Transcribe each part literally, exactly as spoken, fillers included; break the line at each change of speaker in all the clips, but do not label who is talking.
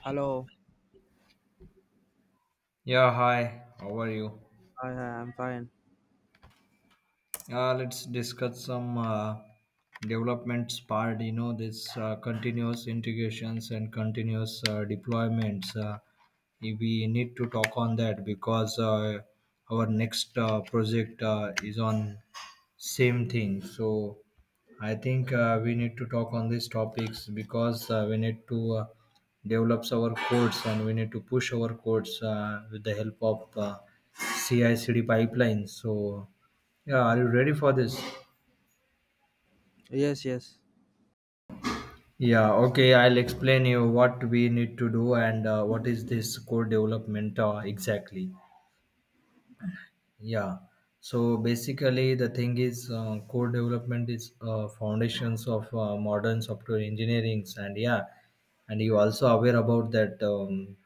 Hello.
Yeah, hi. How are you?
Hi, I'm fine.
Uh, let's discuss some uh, developments part. You know, this uh, continuous integrations and continuous uh, deployments. Uh, we need to talk on that because uh, our next uh, project uh, is on same thing. So I think uh, we need to talk on these topics because uh, we need to uh, develop our codes and we need to push our codes uh, with the help of uh, C I/C D pipelines. So yeah, are you ready for this?
Yes, yes.
Yeah, okay, I'll explain you what we need to do and uh, what is this core development uh, exactly. Yeah, so basically the thing is uh, core development is uh, foundations of uh, modern software engineering, and yeah, and you also aware about that um,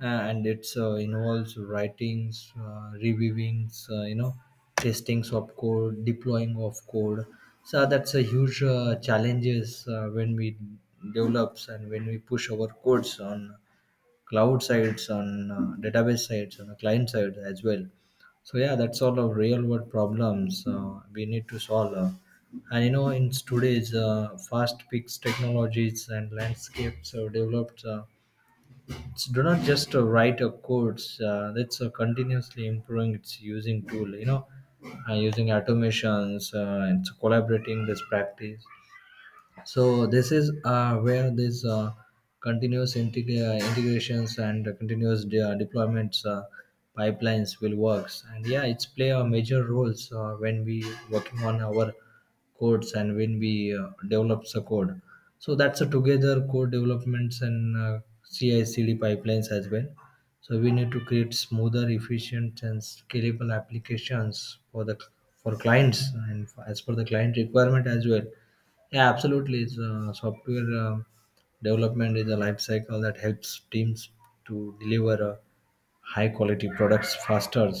uh, and it's uh, involves writings, uh, reviewings, uh, you know, testings of code, deploying of code. So that's a huge uh, challenges uh, when we develops and when we push our codes on cloud sides, on uh, database sides, on the client side as well. So yeah, that's all of real world problems uh, we need to solve. Uh, and you know, in today's uh, fast-paced technologies and landscapes have developed. Uh, it's do not just uh, write a codes uh, that's uh, continuously improving its using tool you know uh, using automations uh, and so collaborating this practice. So this is uh, where this uh, continuous integ- uh, integrations and continuous de- uh, deployments uh, pipelines will works, and yeah, it's play a major roles uh, when we working on our codes and when we uh, develops a code. So that's a together code developments and uh, ci cd pipelines as well. So we need to create smoother efficient and scalable applications for the for clients and as per the client requirement as well. Yeah, absolutely. It's, uh, software uh, development is a life cycle that helps teams to deliver uh, high quality products faster.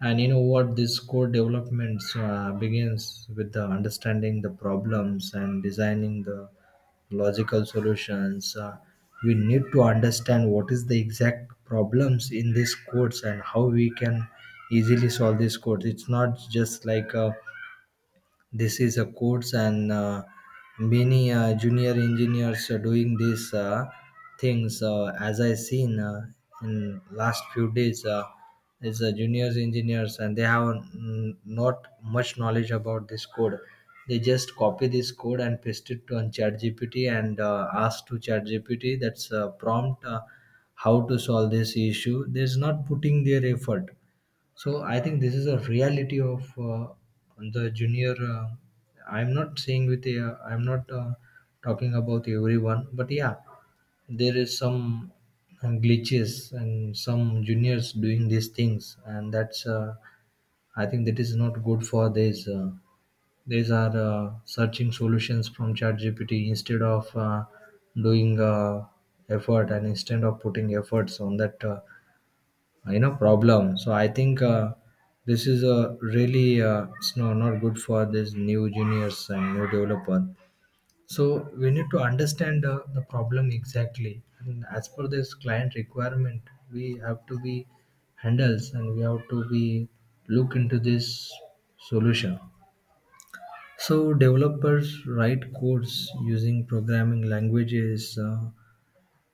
And you know what? This core development uh, begins with the understanding the problems and designing the logical solutions. Uh, we need to understand what is the exact problems in these codes and how we can easily solve these codes. It's not just like uh, this is a course, and uh, many uh, junior engineers are doing these uh, things. Uh, as I seen uh, in last few days, uh, is uh, juniors engineers, and they have mm, not much knowledge about this code. They just copy this code and paste it on ChatGPT and uh, ask to ChatGPT that's uh, prompt uh, how to solve this issue. There's not putting their effort. So I think this is a reality of uh, the junior. Uh, I'm not saying with a. I'm not uh, talking about everyone, but yeah, there is some glitches and some juniors doing these things, and that's. Uh, I think that is not good for this. Uh, these are uh, searching solutions from ChatGPT instead of uh, doing uh, effort and instead of putting efforts on that. Uh, uh, you know problem, so I think uh, this is a really uh, it's no, not good for these new juniors and new developer. So we need to understand uh, the problem exactly, and as per this client requirement we have to be handles, and we have to be look into this solution. So developers write codes using programming languages uh,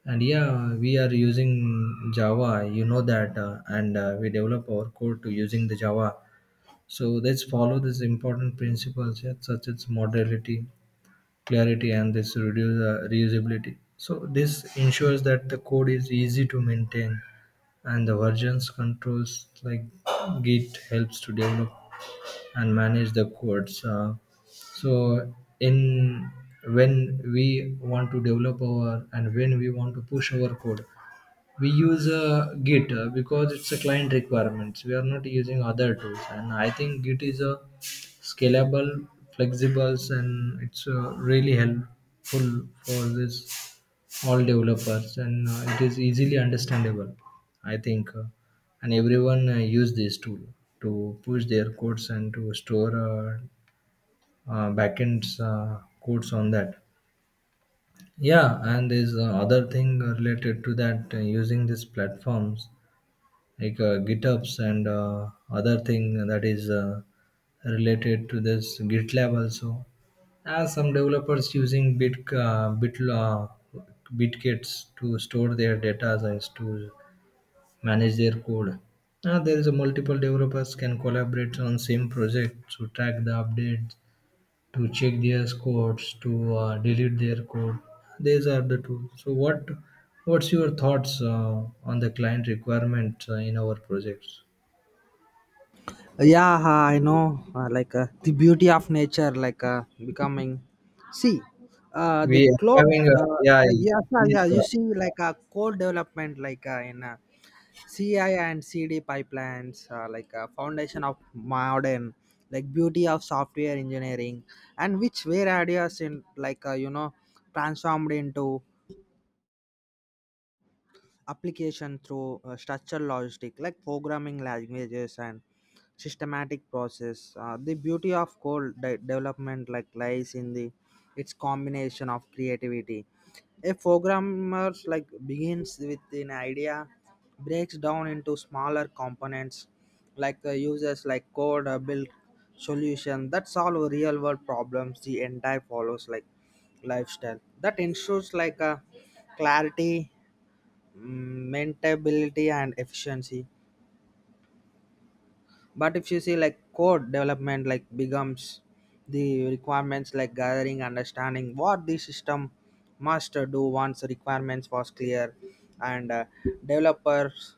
and yeah, we are using Java, you know that, uh, and uh, we develop our code to using the Java. So let's follow these important principles, yeah, such as modularity, clarity, and this reduce uh, reusability. So this ensures that the code is easy to maintain, and the versions controls like Git helps to develop and manage the codes. Uh, so in when we want to develop our and when we want to push our code, we use uh, git uh, because it's a client requirements. We are not using other tools, and I think git is a scalable, flexible, and it's uh, really helpful for this all developers, and uh, it is easily understandable, I think, uh, and everyone uh, use this tool to push their codes and to store uh, uh, backends uh, codes on that. Yeah, and there's uh, other thing related to that uh, using these platforms like uh, GitHubs and uh, other thing that is uh, related to this GitLab also. As some developers using Bit uh, Bit uh, Bitkits to store their data and to manage their code. Now there is a multiple developers can collaborate on same project to track the updates, to check their codes, to uh, delete their code. These are the tools. So what what's your thoughts uh, on the client requirement uh, in our projects?
Yeah, I know. Uh, like uh, the beauty of nature, like uh, becoming. See, uh, the
We are
cloud.
having a
Uh,
yeah,
like, yeah, yeah,
these,
yeah. You
uh,
see, like a uh, core development, like uh, in uh, C I and C D pipelines, uh, like a foundation of modern, like beauty of software engineering, and which were ideas in like uh, you know transformed into application through uh, structural logic like programming languages and systematic process, uh, the beauty of code de- development like lies in the its combination of creativity. A programmer like begins with an idea, breaks down into smaller components, like the users like code, uh, build solution that solve real world problems. The entire follows like lifestyle that ensures like a clarity, maintainability and efficiency. But if you see like code development like becomes the requirements like gathering understanding what the system must do. Once the requirements was clear, and uh, developers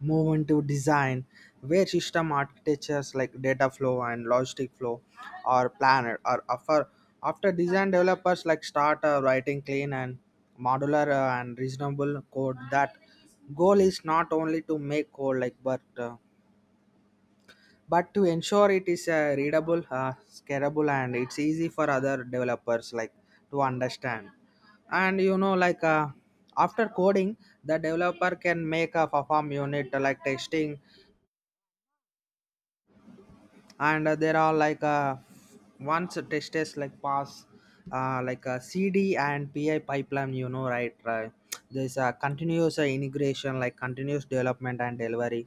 move into design where system architectures like data flow and logistic flow are planned, or after after design developers like start uh, writing clean and modular uh, and reasonable code. That goal is not only to make code like, but uh, but to ensure it is uh, readable, uh, scalable and it's easy for other developers like to understand. And you know like, uh, after coding the developer can make a perform unit like testing. And uh, there are like, uh, once test is like pass, uh, like a C D and P I pipeline, you know right right, there's a continuous uh, integration like continuous development and delivery.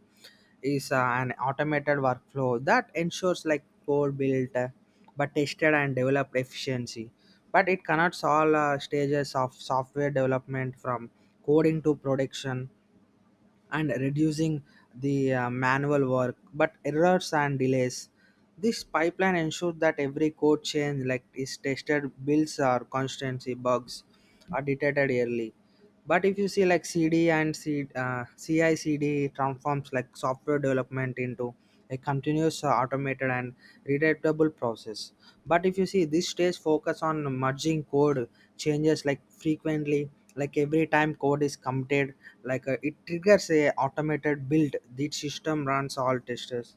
Is uh, an automated workflow that ensures like code built, uh, but tested and developed efficiency. But it cannot solve uh, stages of software development from coding to production and reducing the uh, manual work, but errors and delays. This pipeline ensures that every code change like is tested builds, or constancy bugs are detected early. But if you see like cd and C, uh, C I C D transforms like software development into a continuous, uh, automated and readable process. But if you see this stage focus on merging code changes like frequently, like every time code is committed, like uh, it triggers a automated build. The system runs all testers,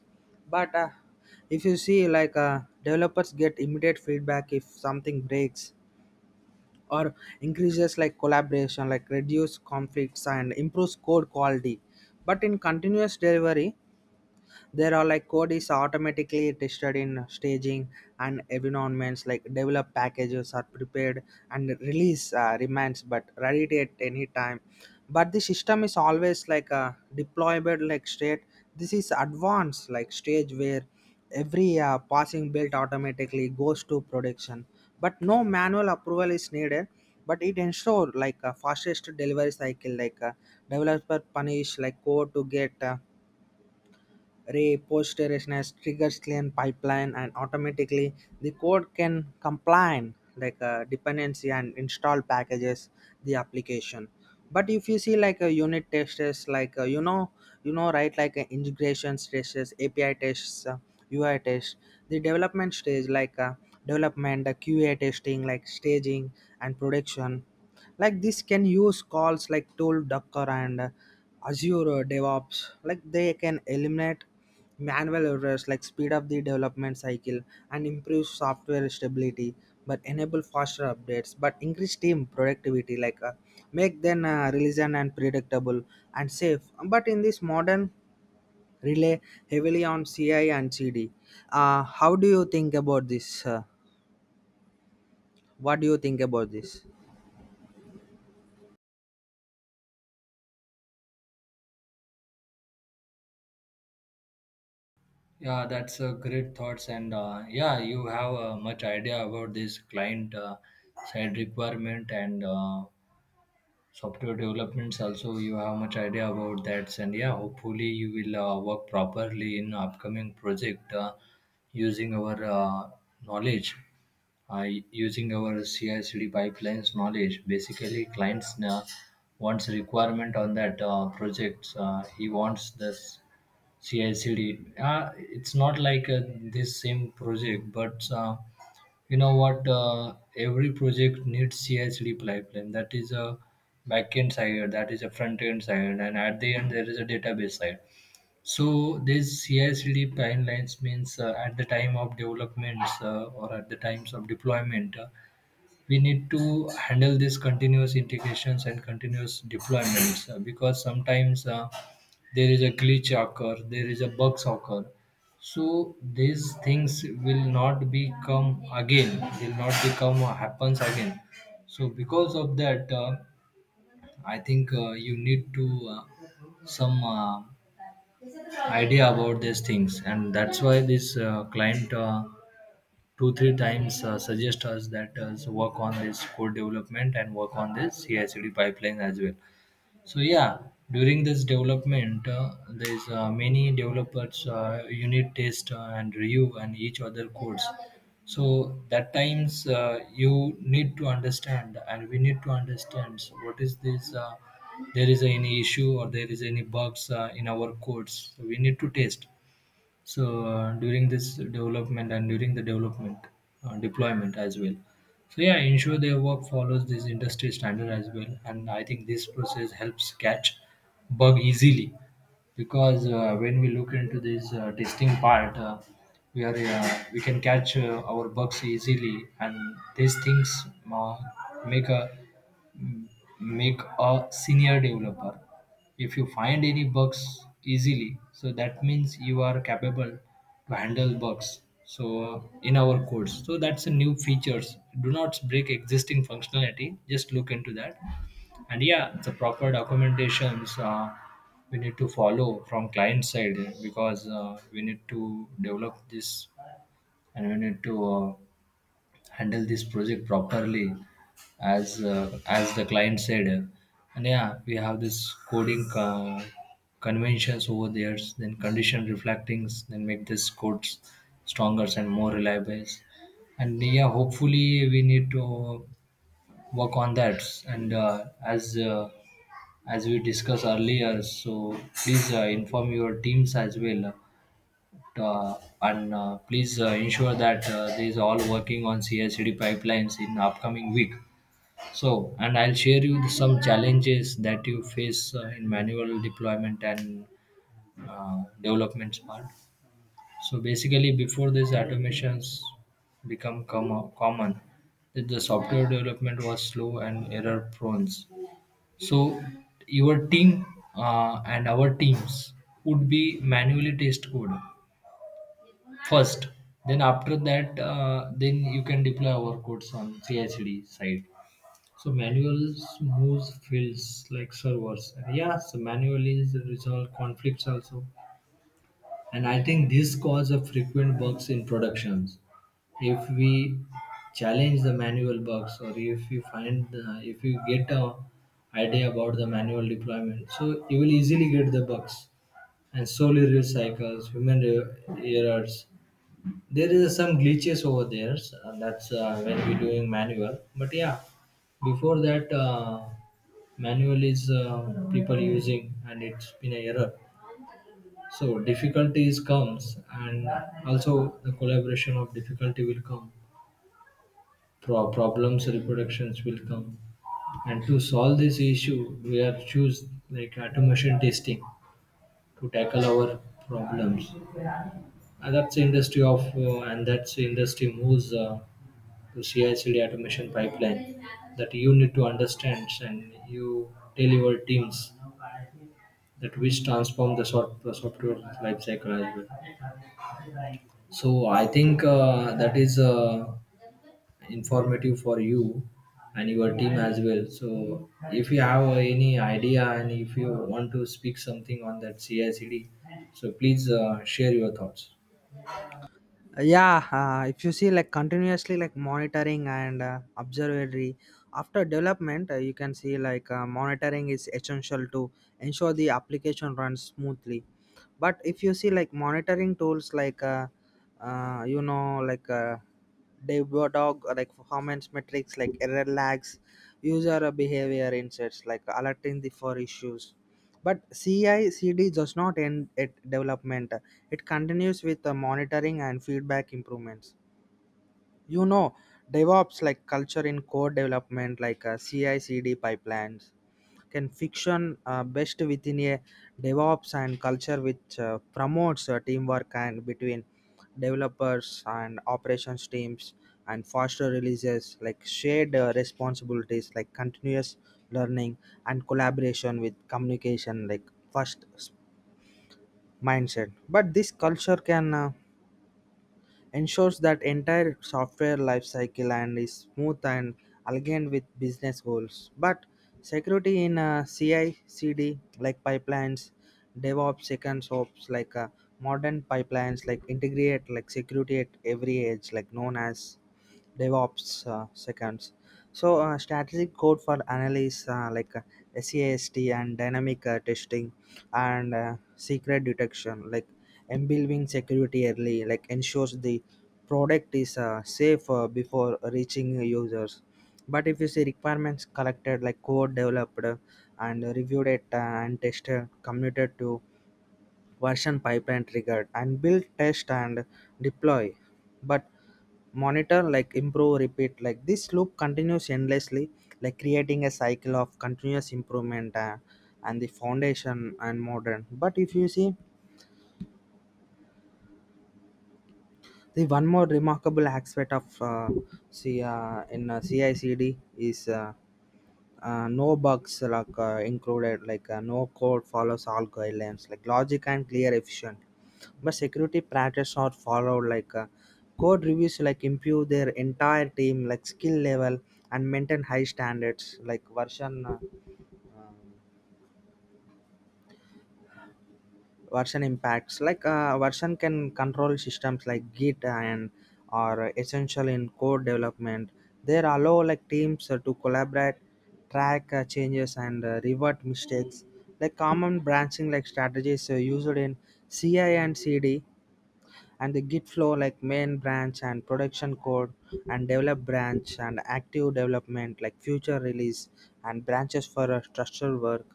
but uh, if you see like, uh, developers get immediate feedback if something breaks or increases like collaboration, like reduce conflicts and improves code quality. But in continuous delivery, there are like code is automatically tested in staging and environments, like develop packages are prepared and release uh, remains but ready at any time. But the system is always like a deployable like state. This is advanced like stage where every uh, passing build automatically goes to production, but no manual approval is needed. But it ensure like a fastest delivery cycle, like a developer punish like code to get uh, repositories, triggers clean pipeline, and automatically the code can complain like uh, dependency and install packages the application. But if you see like a unit testers like uh, you know you know right, like uh, integration tests, A P I tests, uh, U I tests, the development stage like uh, development the Q A testing like staging and production. Like this can use calls like tool docker and uh, azure uh, devops, like they can eliminate manual errors, like speed up the development cycle and improve software stability, but enable faster updates, but increase team productivity like, uh, make them uh, resilient and predictable and safe. But in this modern rely heavily on C I and C D. Uh, how do you think about this? Uh, what do you think about this?
Yeah, that's a great thoughts, and uh, yeah, you have uh, much idea about this client uh, side requirement and uh, software developments. Also, you have much idea about that, and yeah, hopefully you will uh, work properly in upcoming project uh, using our uh, knowledge. Uh, using our C I/C D pipelines knowledge. Basically, clients uh, wants a requirement on that uh, projects. Uh, he wants this C I/C D. Uh, it's not like uh, this same project, but uh, you know what? Uh, every project needs C I/C D pipeline. That is a backend side. That is a front end side, and at the end there is a database side. So this C I/C D timelines means uh, at the time of developments uh, or at the times of deployment, uh, we need to handle these continuous integrations and continuous deployments uh, because sometimes uh, there is a glitch occur, there is a bugs occur. So these things will not become again, will not become or happens again. So because of that, uh, I think uh, you need to uh, some uh, idea about these things, and that's why this uh, client uh, two three times uh, suggest us that uh, so work on this code development and work on this C I/C D pipeline as well. So yeah, during this development, uh, there's uh, many developers uh, unit test uh, and review and each other codes. So that times uh, you need to understand, and we need to understand what is this. Uh, there is any issue or there is any bugs uh, in our codes. So we need to test. So uh, during this development and during the development uh, deployment as well. So yeah, ensure their work follows this industry standard as well, and I think this process helps catch bug easily because uh, when we look into this uh, testing part, uh, we are uh, we can catch uh, our bugs easily, and these things uh, make a make a senior developer. If you find any bugs easily, so that means you are capable to handle bugs, so uh, in our codes. So that's a new features do not break existing functionality, just look into that. And yeah, the proper documentations uh, we need to follow from client side because uh, we need to develop this and we need to uh, handle this project properly as uh, as the client said. And yeah, we have this coding uh, conventions over there, then condition reflectings, then make this codes stronger and more reliable. And yeah, hopefully we need to work on that. And uh, as uh, as we discussed earlier, so please uh, inform your teams as well. uh, and uh, please uh, ensure that uh, they is all working on C I C D pipelines in upcoming week. So, and I'll share you some challenges that you face uh, in manual deployment and uh, development part. So basically, before these automations become com- common, that the software development was slow and error prone. So your team uh, and our teams would be manually test code first. Then after that, uh, then you can deploy our codes on ci side. So manuals moves fields like servers. And yes, manually resolve conflicts also. And I think this causes a frequent bugs in productions. If we challenge the manual bugs, or if you find, the, if you get a idea about the manual deployment, so you will easily get the bugs and solely real cycles, human re- errors. There is some glitches over there. So that's uh, when we're doing manual. But yeah, before that, uh, manual is uh, people using, and it's been a error. So difficulties comes, and also the collaboration of difficulty will come, pro- problems reproductions will come. And to solve this issue, we are choose like automation testing to tackle our problems. And that's the industry of uh, and that's the industry moves uh, to ci automation pipeline that you need to understand, and you tell your teams, that which transform the soft, software life cycle as well. So I think uh, that is uh, informative for you and your team as well. So if you have any idea and if you want to speak something on that C I C D, so please uh, share your thoughts.
Yeah, uh, if you see like continuously like monitoring and uh, observatory after development, uh, you can see like, uh, monitoring is essential to ensure the application runs smoothly. But if you see like monitoring tools like uh, uh, you know like uh, dog like performance metrics, like error lags, user behavior insights, like alerting the for issues. But C I/C D does not end at development; it continues with the monitoring and feedback improvements. You know, DevOps like culture in code development, like uh, C I/C D pipelines can fiction uh, best within a DevOps and culture which uh, promotes uh, teamwork and between developers and operations teams and faster releases, like shared uh, responsibilities, like continuous learning and collaboration with communication like first s- mindset. But this culture can uh, ensures that entire software lifecycle and is smooth and aligned with business goals. But security in uh, C I C D like pipelines, DevOps, second ops like, uh, modern pipelines like integrate like security at every edge, like known as DevOps uh, seconds. So uh, strategic code for analysis uh, like uh, SAST and dynamic uh, testing and uh, secret detection like embedding security early, like ensures the product is uh, safe uh, before reaching users. But if you see requirements collected like code developed, uh, and reviewed it, uh, and tested, committed to version pipeline triggered and build test and deploy, but monitor like improve repeat, like this loop continues endlessly like creating a cycle of continuous improvement uh, and the foundation and modern. But if you see the one more remarkable aspect of uh, C, uh, in uh, C I C D is, uh, uh, no bugs like uh, included, like uh, no code follows all guidelines, like logic and clear efficient. But security practice are followed like, uh, code reviews like improve their entire team like skill level and maintain high standards, like version uh, um, version impacts, like uh, version can control systems like git and are essential in code development. They allow like teams uh, to collaborate, track uh, changes and uh, revert mistakes, like common branching like strategies uh, used in C I and C D and the git flow, like main branch and production code and develop branch and active development like future release and branches for uh, structural work.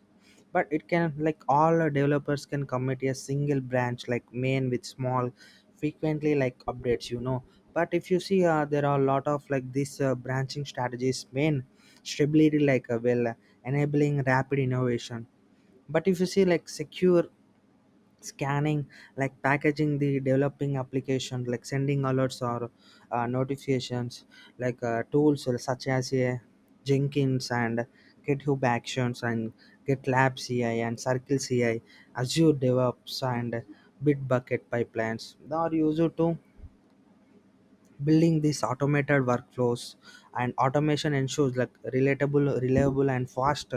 But it can like all uh, developers can commit a single branch like main with small frequently like updates, you know. But if you see, uh, there are a lot of like this uh, branching strategies, main stability like uh, well uh, enabling rapid innovation. But if you see like secure scanning, like packaging the developing application, like sending alerts or uh, notifications, like uh, tools such as uh, jenkins and github actions and GitLab C I and Circle C I, azure devops and bitbucket pipelines. They are used to building these automated workflows, and automation ensures like relatable reliable and fast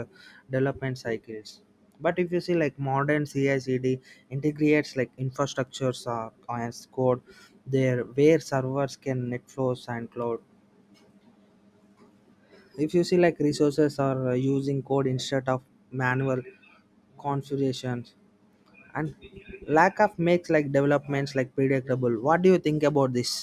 development cycles. But if you see like modern C I/C D integrates like infrastructures uh, as code, there where servers can net flows and cloud. If you see like resources are uh, using code instead of manual configurations, and lack of makes like developments like predictable. What do you think about this?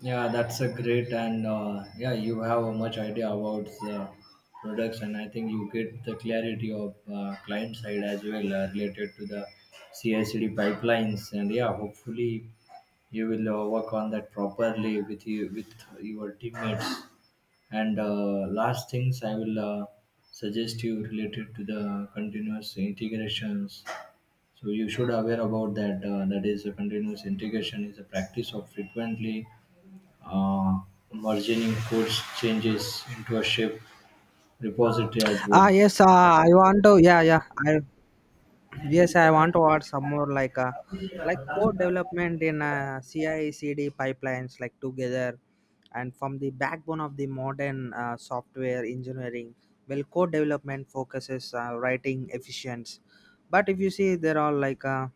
Yeah, that's a great and uh, yeah, you have a much idea about the products, and I think you get the clarity of uh, client side as well uh, related to the C I/C D pipelines, and yeah, hopefully you will uh, work on that properly with you with your teammates. And uh, last things I will uh, suggest you related to the continuous integrations. So you should aware about that. Uh, that is, a continuous integration is a practice of frequently uh, merging course changes into a shape repository as
ah
well.
yes uh, I want to yeah yeah I Yes, I want to add some more like uh, like code development in uh, C I/C D pipelines like together, and from the backbone of the modern uh, software engineering. Well, code development focuses uh, writing efficient. But if you see there are like uh,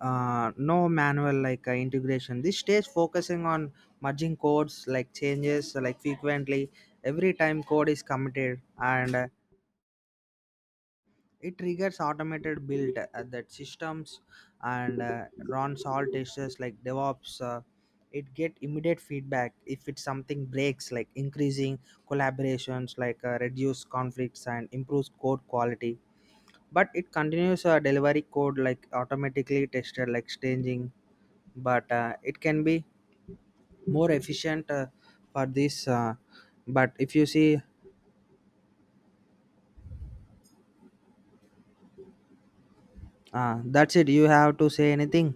uh, no manual like uh, integration. This stage focusing on merging codes like changes like frequently, every time code is committed. And uh, It triggers automated build uh, that systems, and uh, runs all tests like DevOps. Uh, it get immediate feedback if it's something breaks, like increasing collaborations like uh, reduce conflicts and improves code quality. But it continues uh, delivery code like automatically tested like staging, but uh, it can be more efficient uh, for this, uh, but if you see, uh, that's it. You have to say anything?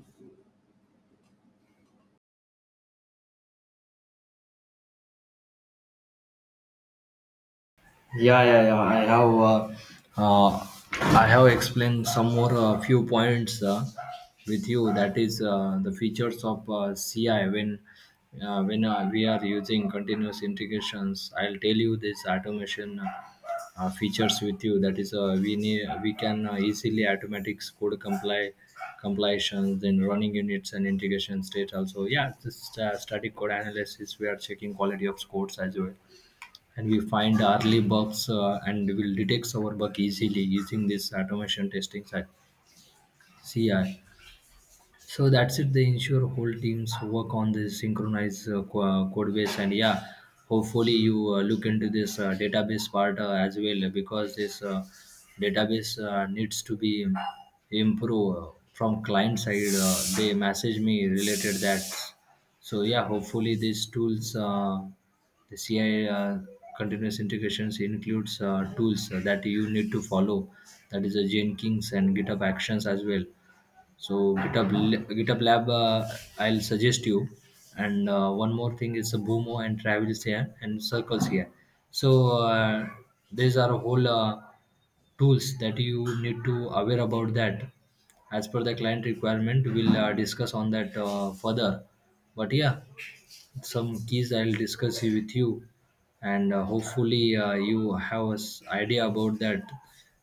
Yeah, yeah, yeah. I have, uh, uh, I have explained some more uh, few points uh, with you. That is uh, the features of uh, C I when uh, when uh, we are using continuous integrations. I'll tell you this automation uh, uh, features with you. That is, uh, we need we can uh, easily automatic code comply compilations, then running units and integration state also. Yeah, this uh, static code analysis. We are checking quality of codes as well and we find early bugs uh, and will detect our bug easily using this automation testing side C I. So that's it. They ensure whole teams work on this synchronized uh, co- uh, code base, and yeah, hopefully you uh, look into this uh, database part uh, as well because this uh, database uh, needs to be improved uh, from client side. Uh, they message me related that. So yeah, hopefully these tools, uh, the C I uh, continuous integrations includes uh, tools that you need to follow. That is a Jenkins and GitHub Actions as well, so GitHub L- GitHub Lab, uh, I'll suggest you. And uh, one more thing is a Boomo and Travels here and Circles here. So uh, these are whole uh, tools that you need to aware about that. As per the client requirement, we'll uh, discuss on that uh, further. But yeah, some keys I'll discuss you- with you, and uh, hopefully uh, you have an idea about that.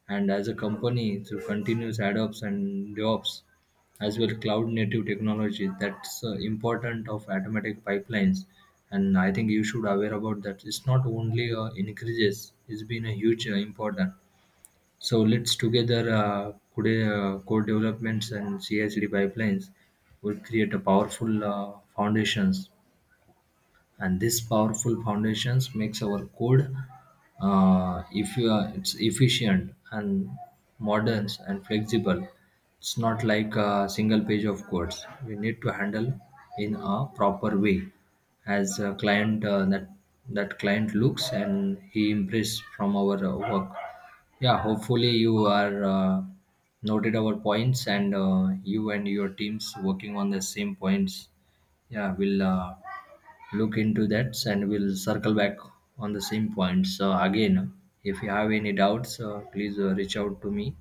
And as a company, through continuous add-ups and jobs, as well cloud native technology, that's uh, important of automatic pipelines. And I think you should aware about that. It's not only uh, increases; it's been a huge uh, important. So let's together uh, could, uh, code developments and C I pipelines will create a powerful uh, foundations, and this powerful foundations makes our code uh, if you are, it's efficient and modern and flexible. It's not like a single page of codes we need to handle in a proper way. As a client, uh, that that client looks and he impressed from our uh, work. Yeah, hopefully you are uh, noted our points, and uh, you and your teams working on the same points. Yeah, will uh, look into that, and we'll circle back on the same points. So again, if you have any doubts, uh, please uh, reach out to me.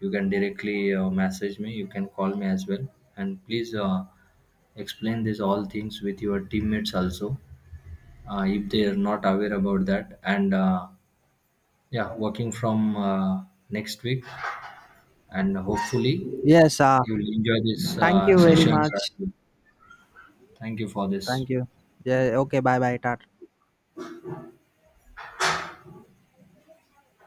You can directly uh, message me. You can call me as well. And please uh, explain this all things with your teammates also, uh, if they are not aware about that. And uh, yeah, working from uh, next week, and hopefully
Yes, uh,
you'll enjoy this
thank
uh,
you very
sessions as
much.
well. Thank you for this.
Thank you. Yeah. Okay. Bye. Bye. Tata.